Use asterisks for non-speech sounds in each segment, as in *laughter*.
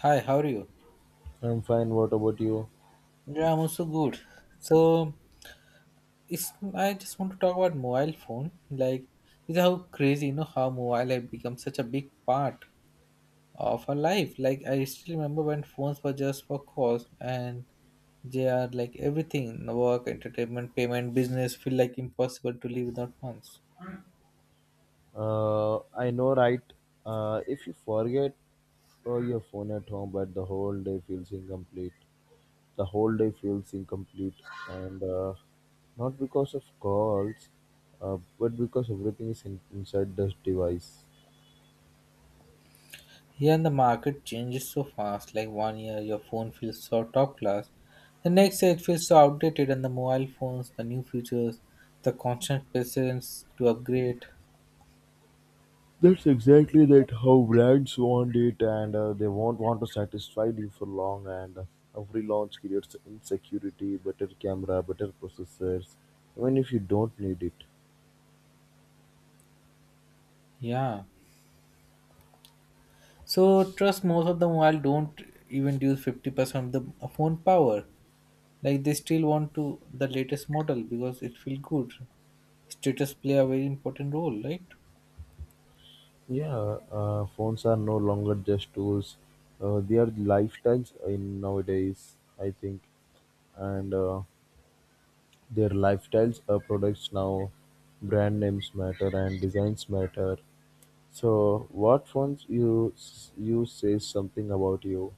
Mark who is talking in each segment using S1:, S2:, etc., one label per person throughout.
S1: Hi, how are you?
S2: I'm fine. What about you?
S1: Yeah, I'm also good. So, it's I just want to talk about mobile phone. Is how crazy, you know, how mobile have become such a big part of our life. Like, I still remember when phones were just for calls, and they are like everything: work, entertainment, payment, business feel like impossible to live without phones.
S2: I know, right? If you forget your phone at home, but the whole day feels incomplete. The whole day feels incomplete, and not because of calls, but because everything is inside this device.
S1: Here and the market changes so fast, like 1 year your phone feels so top class, the next year it feels so outdated, and the mobile phones, the new features, the constant presence to upgrade.
S2: That's exactly that how brands want it, and they won't want to satisfy you for long. And every launch creates insecurity, better camera, better processors, even if you don't need it.
S1: Yeah. So trust most of the mobile don't even use 50% of the phone power. Like they still want to the latest model because it feel good. Status play a very important role, right?
S2: Yeah, phones are no longer just tools; they are lifestyles in nowadays. I think, and their lifestyles are products now. Brand names matter and designs matter. So, what phones you says something about you?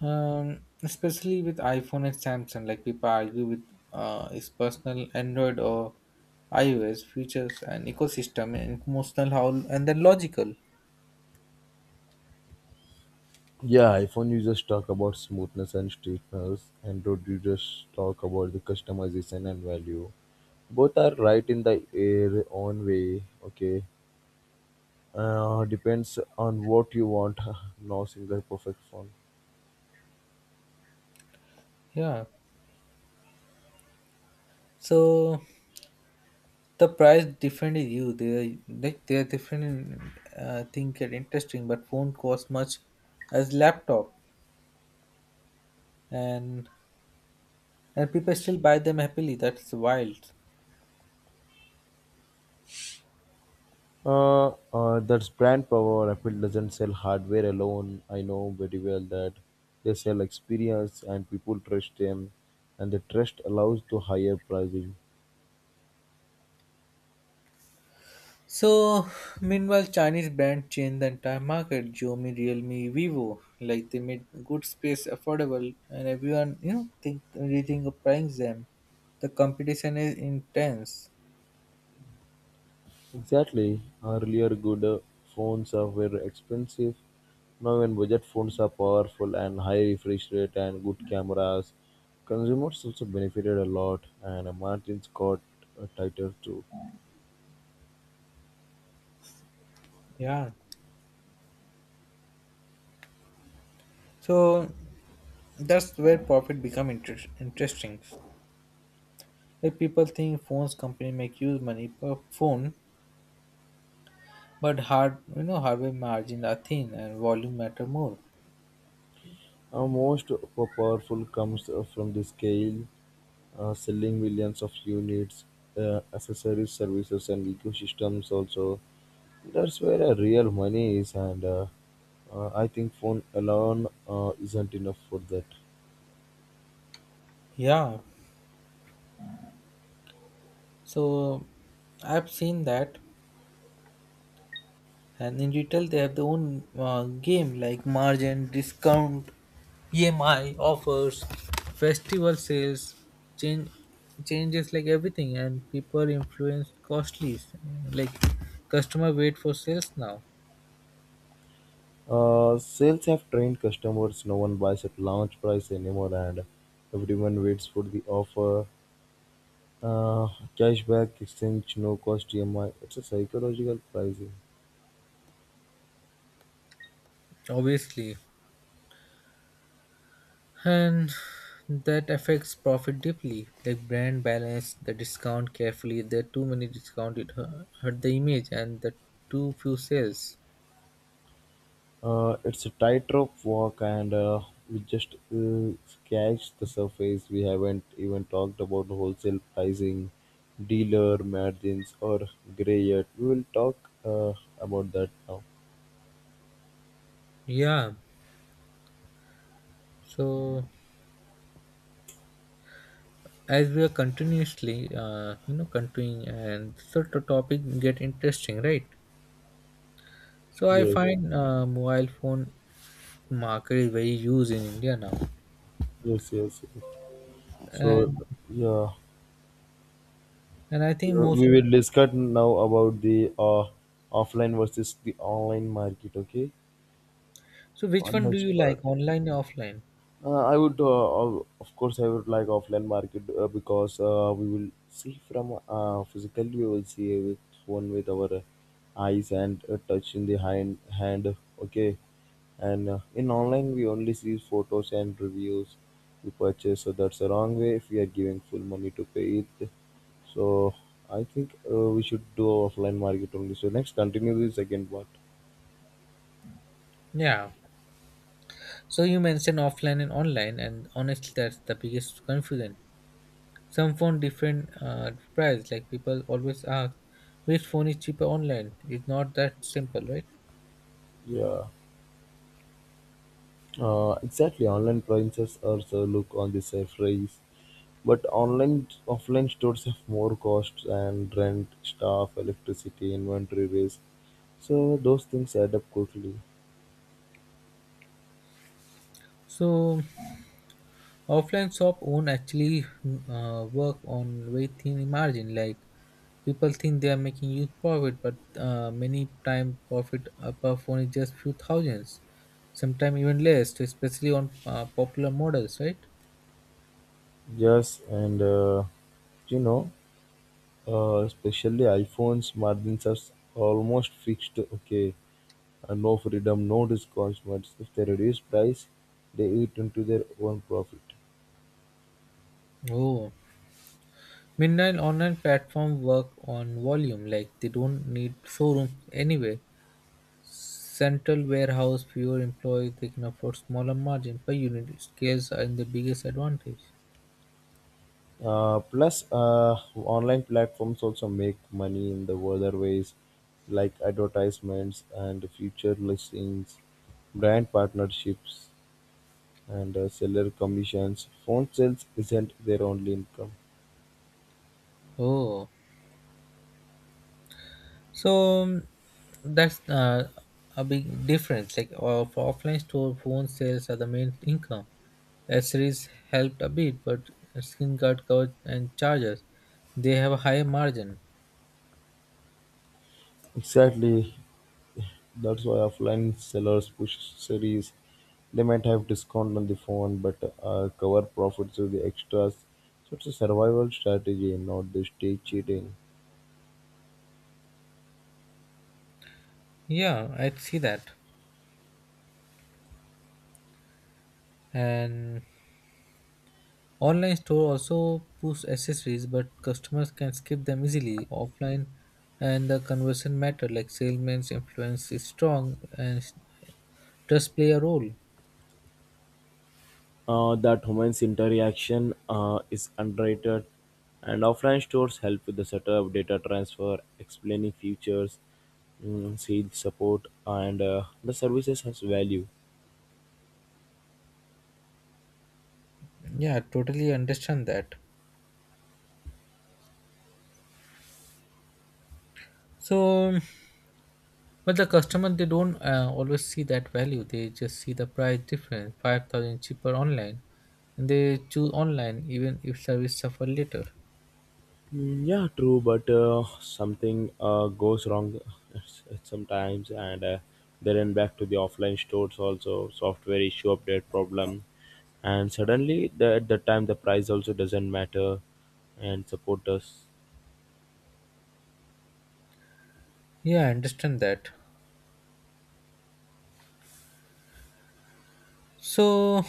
S1: Especially with iPhone and Samsung, like people argue with its personal Android or iOS features and ecosystem and emotional how and then logical.
S2: Yeah, iPhone users talk about smoothness and straightness. Android users talk about the customization and value. Both are right in the air own way. Okay. Depends on what you want. *laughs* No single perfect phone.
S1: Yeah. So the price different is you. They like they are different in think are interesting, but won't cost much as laptop and and people still buy them happily. That's wild.
S2: That's brand power. Apple doesn't sell hardware alone. I know very well that they sell experience and people trust them, and the trust allows to higher pricing.
S1: So, meanwhile, Chinese brands changed the entire market. Xiaomi, Realme, Vivo, like they made good space affordable, and everyone, you know, think rethink of buying them. The competition is intense.
S2: Exactly. Earlier, good phones are very expensive. Now, when budget phones are powerful and high refresh rate and good cameras, consumers also benefited a lot, and margins got tighter too.
S1: Yeah. So that's where profit become interesting. Like people think phones company make use money per phone, but hardware margin are thin and volume matter more.
S2: Most powerful comes from the scale, selling millions of units, accessories, services, and ecosystems. Also, that's where real money is, and I think phone alone isn't enough for that.
S1: Yeah. So I've seen that. And in retail, they have their own game like margin, discount, EMI offers, festival sales, change changes like everything, and people influence costly. Like customer wait for sales now,
S2: Sales have trained customers. No one buys at launch price anymore, and everyone waits for the offer. Uh, Cashback, exchange, no cost EMI. It's a psychological pricing.
S1: obviously, and that affects profit deeply. Like brand balance the discount carefully. If there are too many discount, it hurt the image and the too few sales.
S2: It's a tightrope walk, and we just scratched the surface. We haven't even talked about wholesale pricing, dealer margins, or gray yet. We will talk uh, about that now.
S1: Yeah, so as we are continuously continuing and so the topic get interesting, right? So I
S2: Yes,
S1: find mobile phone market is very used in India now,
S2: yes, yes, yes. So,
S1: and
S2: yeah,
S1: and I think most
S2: we
S1: of,
S2: will discuss now about the offline versus the online market. Okay,
S1: so which
S2: on
S1: one do
S2: next
S1: you
S2: part.
S1: like, online or offline?
S2: Of course, I would like offline market because we will see from physically, we will see with one with our eyes and touch in the hand. Okay, and in online, we only see photos and reviews we purchase, so that's the wrong way if we are giving full money to pay it. So, I think we should do offline market only. So, next, continue the second part.
S1: Yeah, so you mentioned offline and online, and honestly that's the biggest confusion. Some phone different price, like people always ask which phone is cheaper online. It's not that simple, right?
S2: Yeah, exactly. Online prices also look on the surface. But online offline stores have more costs and rent, staff, electricity, inventory waste. So those things add up quickly.
S1: So offline shop own actually work on very thin margin. Like people think they are making huge profit, but many time profit per phone is just few thousands, sometimes even less. So especially on popular models, right?
S2: Yes, and you know, especially iPhones margins are almost fixed. Okay, no freedom, no discounts. But if they reduce price, they eat into their own profit.
S1: Oh, meanwhile, online platform work on volume. Like they don't need showrooms anyway. Central warehouse, fewer employees, they can afford smaller margin per unit. Scales are in the biggest advantage.
S2: Plus, online platforms also make money in the other ways, like advertisements and future listings, brand partnerships, and seller commissions. Phone sales isn't their only income.
S1: Oh, So um, that's a big difference. Like for offline store, phone sales are the main income. Accessories helped a bit, but skin guard cover and chargers, they have a higher margin.
S2: Exactly, that's why offline sellers push series. They might have discount on the phone, but cover profits with the extras. So it's a survival strategy, not the stay cheating.
S1: Yeah, I see that. And online store also push accessories, but customers can skip them easily. Offline and the conversion matter, like salesman's influence is strong and does play a role.
S2: That humans interaction is underrated, and offline stores help with the setup, data transfer, explaining features, mm, sales support, and the services has value.
S1: Yeah, totally understand that. So um, But the customer they don't always see that value. They just see the price difference, 5,000 cheaper online, and they choose online even if service suffer later.
S2: Mm, yeah, true, but something goes wrong *laughs* sometimes, and then back to the offline stores also software issue, update problem, and suddenly at that time the price also doesn't matter and support us.
S1: Yeah, I understand that. So,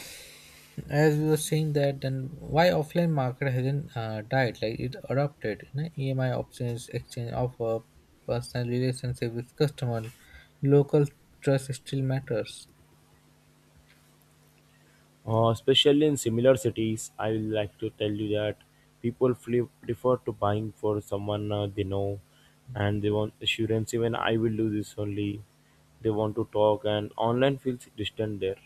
S1: as we were saying that, then why offline market hasn't died? Like it adopted, you know, EMI options, exchange offer, personal relationship with customer, local trust still matters.
S2: Especially in similar cities, I would like to tell you that people prefer to buying for someone they know and they want assurance. Even I will do this only. They want to talk, and online feels distant there.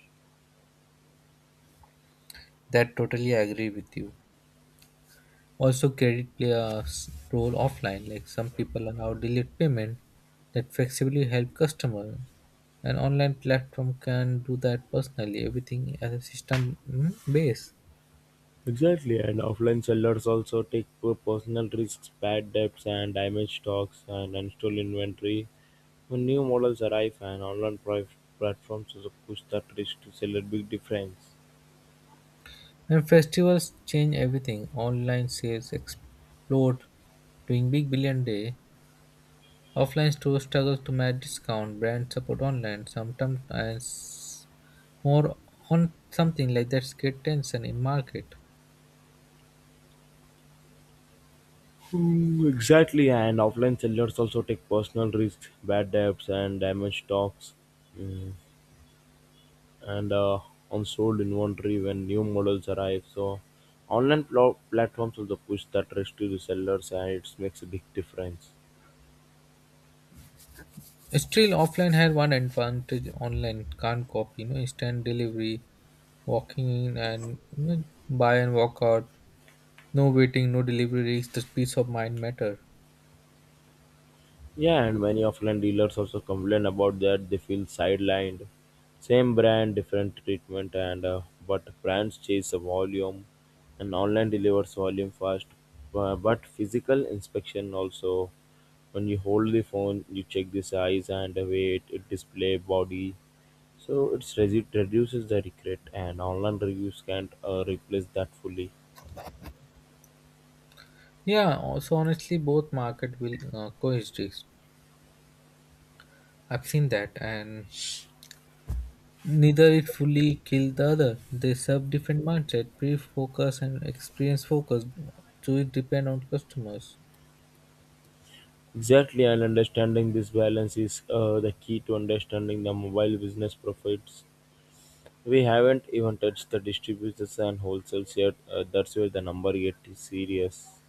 S1: That totally I agree with you. Also, credit play a role offline. Like some people allow delayed payment that flexibly help customer. An online platform can do that personally. Everything as a system base.
S2: Exactly, and offline sellers also take poor personal risks, bad debts, and damaged stocks and unsold inventory. When new models arrive and online platforms also push that risk to seller, big difference.
S1: And festivals change everything. Online sales explode during Big Billion Day. Offline stores struggle to match discount. Brand support online sometimes and more on something like that's create tension in market.
S2: Mm, exactly, and offline sellers also take personal risks, bad debts, and damaged stocks, mm, and unsold inventory when new models arrive. So, online platforms also push that risk to the sellers, and it makes a big difference.
S1: Still, offline had one advantage online can't copy. You know, instant delivery, walking in and, you know, buy and walk out. No waiting, no delivery risk. The peace of mind matter.
S2: Yeah, and many offline dealers also complain about that they feel sidelined. Same brand, different treatment, and but brands chase the volume, and online delivers volume fast. But physical inspection also, when you hold the phone, you check the size and the weight, it display body, so it's reduces the regret, and online reviews can't replace that fully.
S1: Yeah. Also, honestly, both market will coexist. I've seen that, and neither it fully kill the other. They serve different mindset, pre-focus and experience focus. So it depend on customers.
S2: Exactly, and understanding this balance is the key to understanding the mobile business profits. We haven't even touched the distributors and wholesalers yet. That's where the number get serious.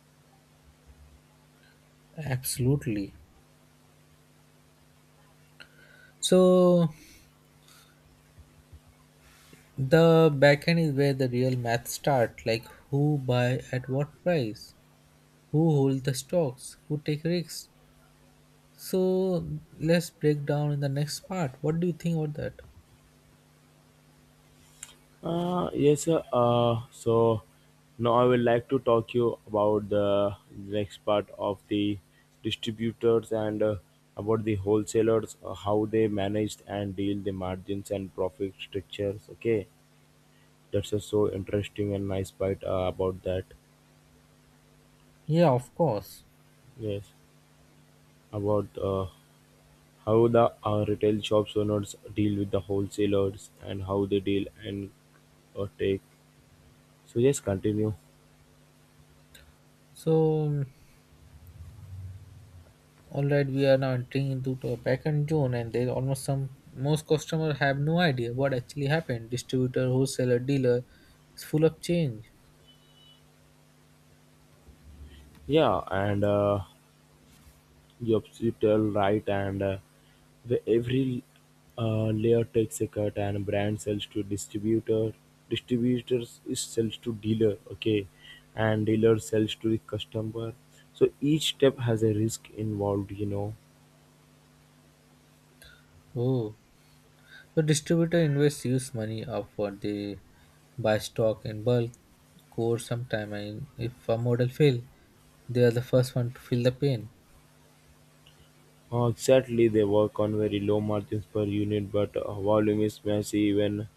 S1: Absolutely. So the backend is where the real math start, like who buy at what price, who hold the stocks, who take risks. So let's break down in the next part. What do you think about that?
S2: Yes, sir. So now I would like to talk you about the next part of the distributors and about the wholesalers, how they manage and deal the margins and profit structures. Okay, that's a so interesting and nice part about that.
S1: Yeah, of course.
S2: Yes, about how the retail shops owners deal with the wholesalers and how they deal and take. So just continue.
S1: So all right, we are now entering into the backend zone, and there almost some most customer have no idea what actually happened. Distributor, wholesaler, dealer is full of change.
S2: Yeah, and you tell right, and the every layer takes a cut, and brand sells to distributor, distributors is sells to dealer. Okay, and dealer sells to the customer. So each step has a risk involved, you know.
S1: Oh. The distributor invests use money upfront. They buy stock in bulk, core sometime, and if a model fail, they are the first one to feel the pain.
S2: Exactly, they work on very low margins per unit, but volume is massive. Even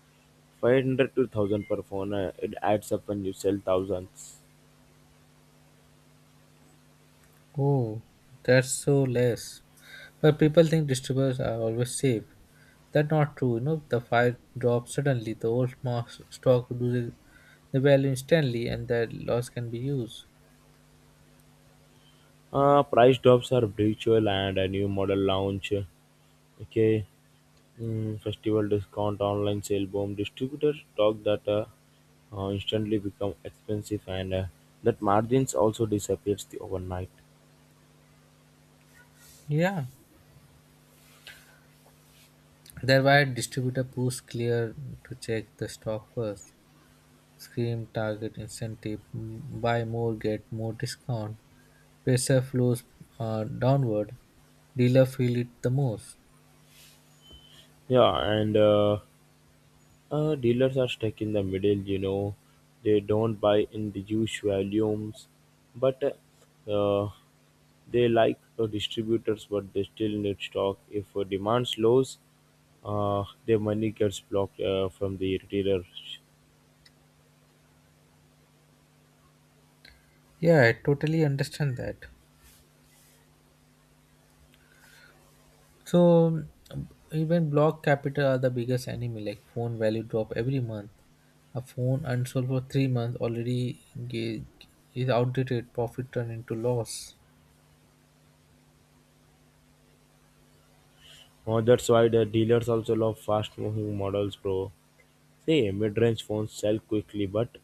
S2: 500 to thousand per phone it adds up when you sell thousands.
S1: Oh, that's so less. But people think distributors are always safe. That's not true. You know, the fire drops suddenly, the old stock loses the value instantly, and that loss can be used.
S2: Price drops are virtual and a new model launch, okay, mm, festival discount, online sale boom, distributors talk that instantly become expensive, and that margins also disappears the overnight.
S1: Yeah. That's why distributor push clear to check the stock first. Scream target incentive, buy more, get more discount. Pressure flows downward. Dealer feel it the most.
S2: Yeah and uh, Uh, dealers are stuck in the middle, you know. They don't buy in the huge volumes, but uh, they like distributors, but they still need stock. If demand slows, their money gets blocked from the retailers.
S1: Yeah, I totally understand that. So Even block capital are the biggest enemy. Like phone value drop every month. A phone unsold for 3 months already is outdated. Profit turned into loss.
S2: That's why the dealers also love fast moving models, bro. See, mid range phones sell quickly, but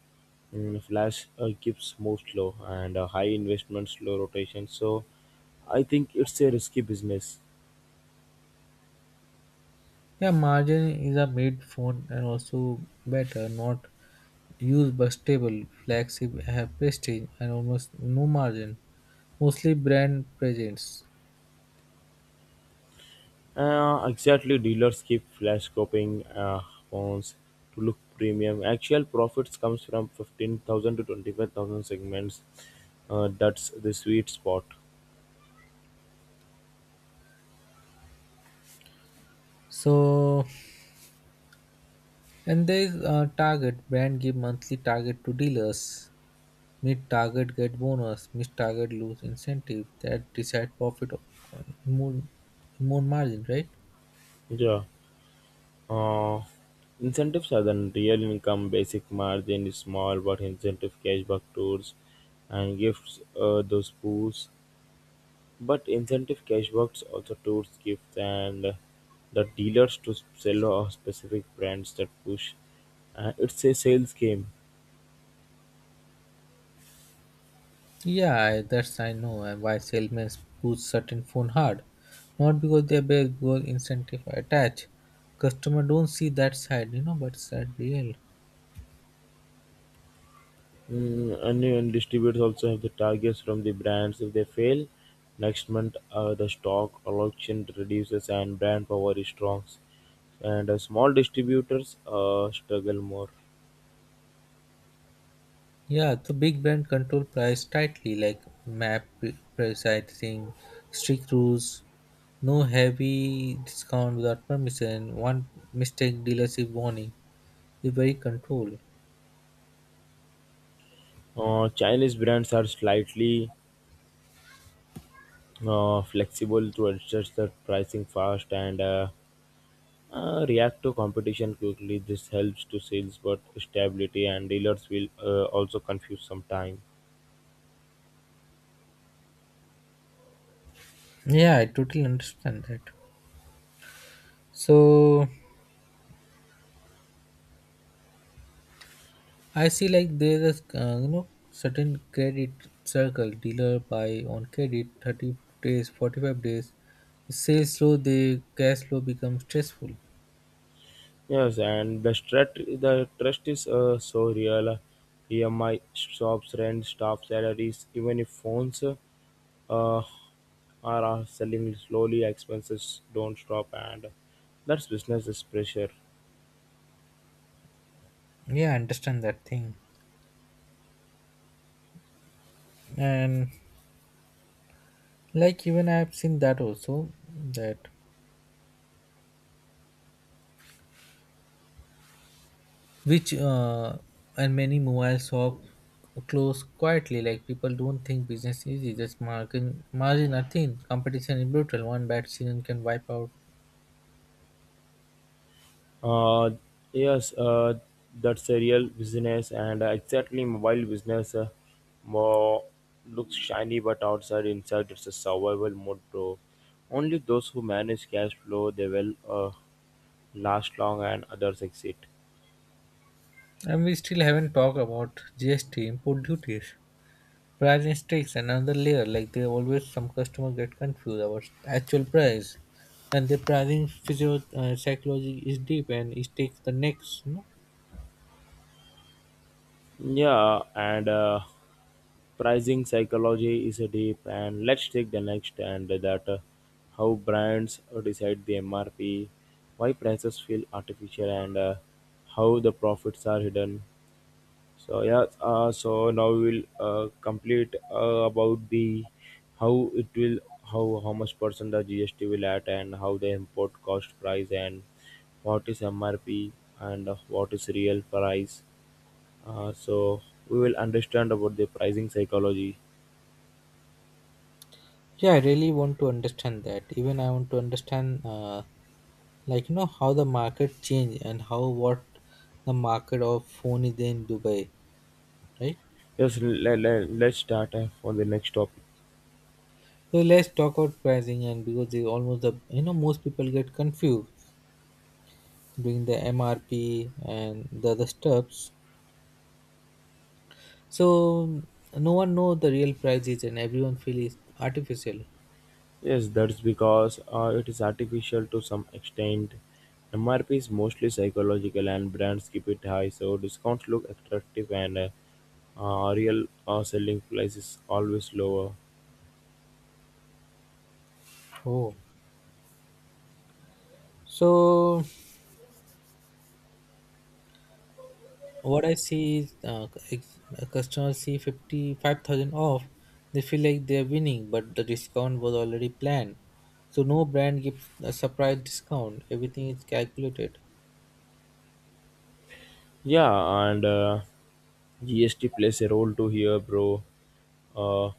S2: mm, flash keeps move slow and high investment, slow rotation. So I think it's a risky business.
S1: Yeah, margin is a made phone and also better, not use bus stable, flagship have prestige and almost no margin. Mostly brand presence.
S2: Exactly, dealers keep flash copying phones to look premium. Actual profits comes from 15,000 to 25,000 segments. That's the sweet spot.
S1: So and there is a target. Brand give monthly target to dealers. Meet target get bonus. Miss target lose incentive. That decide profit more more margin, right?
S2: Yeah. Uh, Incentives are then real income, basic margin is small, but incentive cashback tours and gifts those pools. But incentive cashbacks also tours, gifts and the dealers to sell a specific brands that push. It's a sales game.
S1: Yeah, I- that's I know and why salesmen push certain phone hard. Not because they're bad, because incentive attached. Customer don't see that side, you know, but it's that real.
S2: Mm, and distributors also have the targets from the brands. If they fail, next month the stock or auction reduces and brand power is strong. And small distributors struggle more.
S1: Yeah, the big brand control price tightly, like pricing, strict rules, no heavy discount without permission, one mistake dealership warning. It's very controlled.
S2: Chinese brands are slightly flexible to adjust their pricing fast, and react to competition quickly. This helps to sales, but stability and dealers will also confuse some time.
S1: Yeah, I totally understand that. So I see like there's a you know, certain credit circle dealer buy on credit 30 days, 45 days. Sales slow, the cash flow becomes stressful.
S2: Yes, and the trust is so real. EMI shops, rent, staff salaries, even if phones are are selling slowly, expenses don't stop, and that's business is pressure.
S1: Yeah, I understand that thing. And like even I've seen that also that which and many mobile shop close quietly, like people don't think business is easy, just margin are thin, competition is brutal, one bad season can wipe out.
S2: Uh, yes, that's a real business, and exactly mobile business more looks shiny, but outside inside it's a survival mode, bro. Only those who manage cash flow they will last long, and others exit.
S1: And we still haven't talked about GST, import duties, price and stakes and another layer, like they always some customer get confused about actual price, and the pricing physio psychology is deep and it takes the next, no?
S2: Yeah, and pricing psychology is a deep, and let's take the next, and that how brands decide the MRP, why prices feel artificial, and how the profits are hidden. So yeah, so now we'll complete about the how it will how much percent the GST will add and how the import cost price and what is MRP and what is real price. So we will understand about the pricing psychology.
S1: Yeah, I really want to understand that. Even I want to understand, like you know, how the market change and how what the market of phone is in Dubai, right?
S2: Yes, let's start on the next topic.
S1: So let's talk about pricing and because they almost the, you know, most people get confused doing the MRP and the other steps. So no one know the real prices and everyone feel is artificial.
S2: Yes, that's because it is artificial to some extent. MRP is mostly psychological and brands keep it high, so discounts look attractive, and real selling price is always lower.
S1: Oh, so what I see is if a see 55,000 off, they feel like they're winning, but the discount was already planned. So no brand gives a surprise discount. Everything is calculated.
S2: Yeah, and GST plays a role too here, bro. Uh,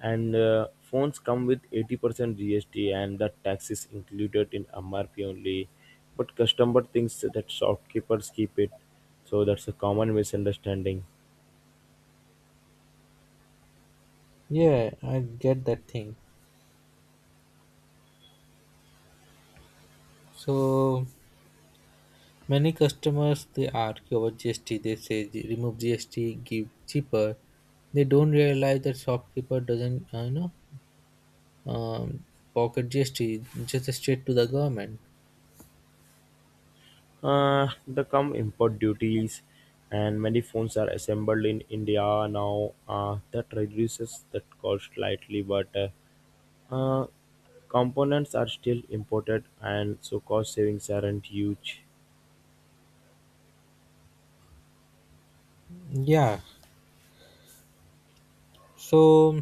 S2: and Phones come with 80% GST, and that tax is included in MRP only. But customer thinks that shopkeepers keep it, so that's a common misunderstanding.
S1: Yeah, I get that thing. So many customers they argue about GST. They say remove GST, give cheaper." They don't realize that shopkeeper doesn't um, pocket GST, just straight to the government.
S2: The come import duties, and many phones are assembled in India now. That reduces that cost slightly, but Uh, components are still imported, and so cost savings aren't huge.
S1: Yeah. So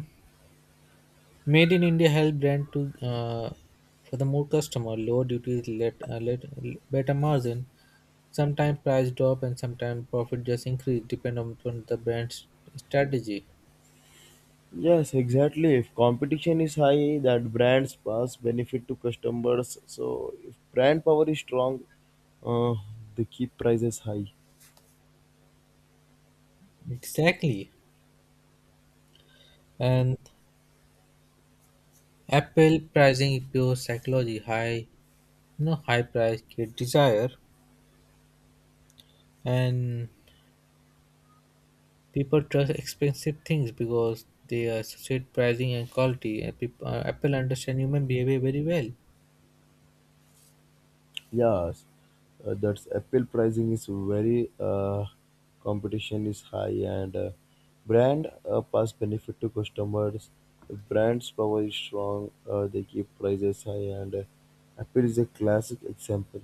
S1: Made in India help brand to for the more customer, lower duties, let better margin. Sometimes price drop and sometimes profit just increase depend on the brand's strategy.
S2: Yes, exactly. If competition is high, that brands pass benefit to customers. So if brand power is strong, uh, they keep prices high.
S1: Exactly. And Apple pricing is pure psychology. High price create desire, and people trust expensive things because they associate pricing and quality. And people, Apple understand human behavior very well.
S2: Yes, that's apple pricing is very competition is high, and brand pass benefit to customers. Brand's power is strong. They keep prices high, and Apple is a classic example.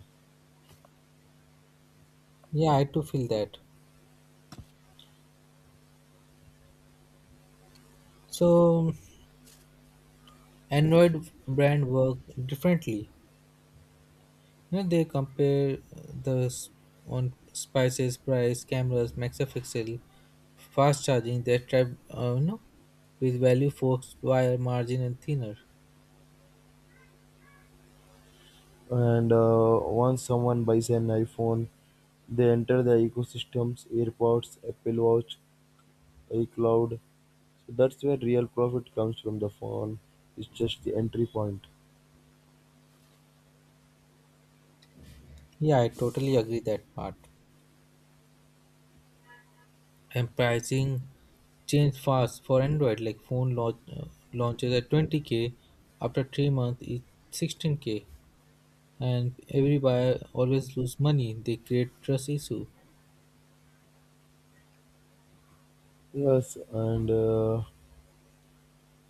S1: Yeah, I too feel that. So Android brand work differently. You know, they compare on spices, price, cameras, megapixel, fast charging. They trap, you know, with value, forks, wire, margin, and thinner.
S2: And once someone buys an iPhone, they enter the ecosystems, AirPods, Apple Watch, iCloud. So that's where real profit comes from. The phone, it's just the entry point.
S1: Yeah, I totally agree that part. And pricing changed fast for Android. Like phone launches at 20K, after 3 months it's 16K, and every buyer always lose money. They create trust issue.
S2: Yes, and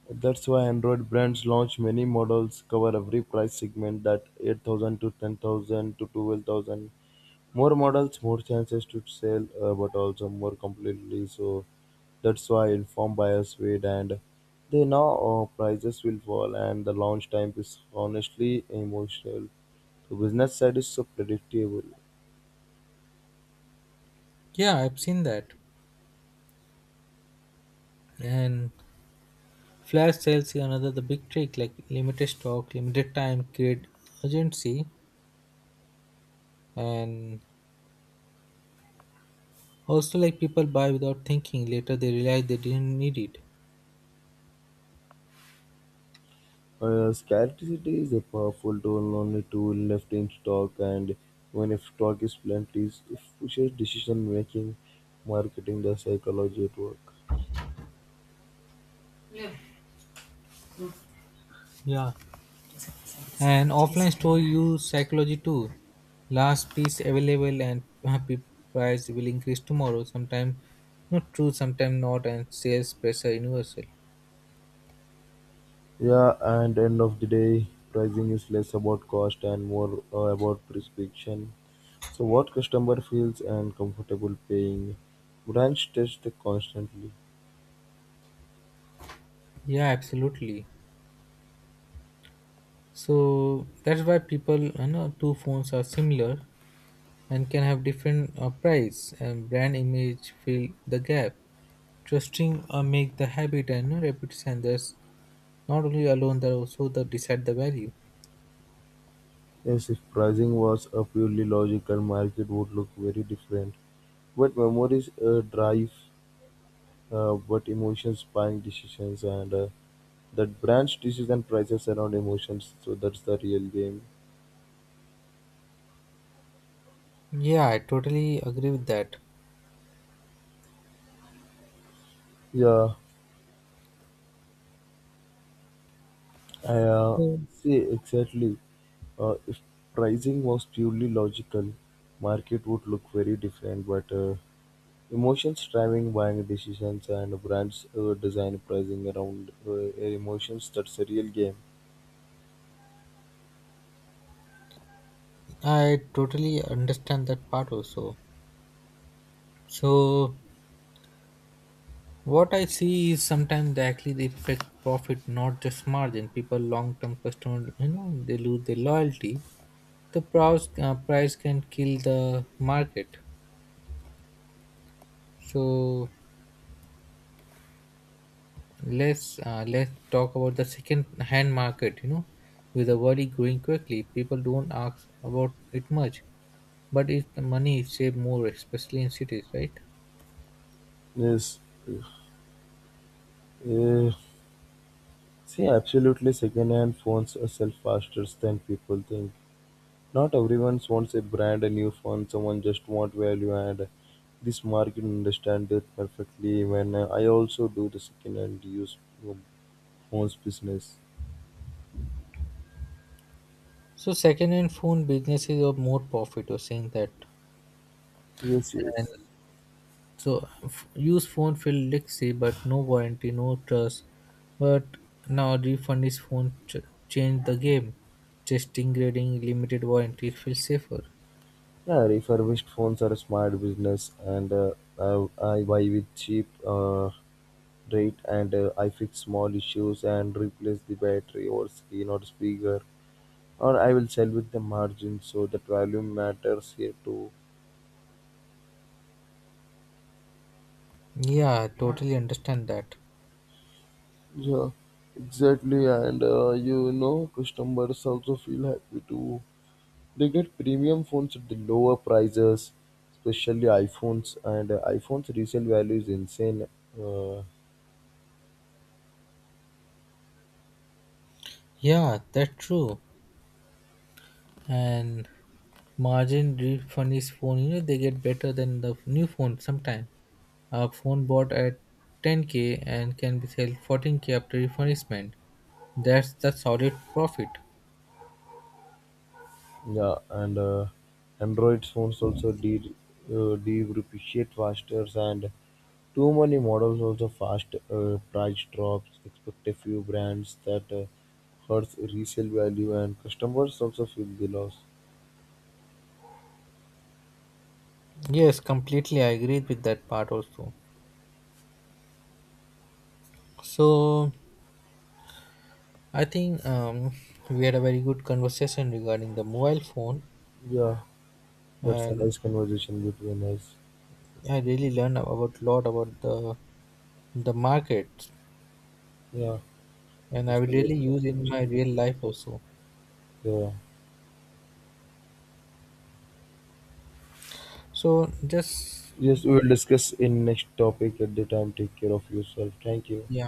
S2: that's why Android brands launch many models, cover every price segment that 8,000 to 10,000 to 12,000. More models, more chances to sell, but also more completely. So that's why informed buyers wait, and they know prices will fall, and the launch time is honestly emotional. The business side is so predictable.
S1: Yeah, I've seen that. And flash sales is another the big trick, like limited stock, limited time create urgency, and also like people buy without thinking, later they realize they didn't need it.
S2: Scarcity is a powerful tool, only tool left in stock, and when if stock is plenty, it pushes decision making, marketing, the psychology at work.
S1: Yeah. Yeah, and offline store use psychology too. Last piece available and happy, price will increase tomorrow. Sometimes not true, sometimes not, and sales pressure universal.
S2: Yeah, and end of the day, pricing is less about cost and more about prescription. So what customer feels and comfortable paying. Brands test constantly.
S1: Yeah, absolutely. So that's why people, you know, two phones are similar and can have different price and brand image fill the gap. Trusting make the habit and repetition thus not only alone that also the decide the value.
S2: Yes, if pricing was a purely logical, market would look very different. But memories drive but emotions buying decisions, and that branch decision prices around emotions, so that's the real game.
S1: Yeah, I totally agree with that.
S2: Yeah I
S1: So
S2: See, exactly, if pricing was purely logical, market would look very different, but emotions driving buying decisions, and brands design pricing around emotions, that's a real game.
S1: I totally understand that part also. So what I see is sometimes they actually they affect profit not just margin, people long-term customer, you know, they lose their loyalty. Price can kill the market. So let's talk about the second hand market. You know, with the world growing quickly, people don't ask about it much, but if the money is saved more, especially in cities, right?
S2: Yes, uh, see, absolutely second hand phones sell faster than people think. Not everyone wants a brand new phone, someone just want value, and this market understand it perfectly. When I also do the second and use phones business.
S1: So second hand phone businesses are more profit. You're saying that,
S2: Yes,
S1: and
S2: yes.
S1: so use phone feel legacy, but no warranty, no trust. But now refund is phone change the game. Testing grading, limited warranty, it feels safer.
S2: Yeah, refurbished phones are a smart business, and I, I buy with cheap rate, and I fix small issues and replace the battery or screen or speaker, or I will sell with the margin, so that value matters here too.
S1: Yeah, totally understand that.
S2: Yeah, exactly. And you know, customers also feel happy too. They get premium phones at the lower prices, especially iPhones. And iPhones resale value is insane. Uh,
S1: Yeah, that's true. And margin refund is phone, you know, they get better than the new phone sometime. A phone bought at 10K and can be sold 14K after refurbishment, that's the solid profit.
S2: yeah, and Android phones also de depreciate faster, and too many models also fast price drops. Expect a few brands that hurts resale value, and customers also feel the loss.
S1: Yes, completely I agree with that part also. So I think we had a very good conversation regarding the mobile phone,
S2: Yeah, that's a
S1: and
S2: nice conversation between us.
S1: I really learned about lot about the market,
S2: Yeah,
S1: and I
S2: that's
S1: will
S2: a nice
S1: really use in
S2: conversation
S1: my real
S2: between us.
S1: life also.
S2: Yeah.
S1: So just,
S2: Yes, we will discuss in next topic at the time. Take care of yourself. Thank you.
S1: yeah.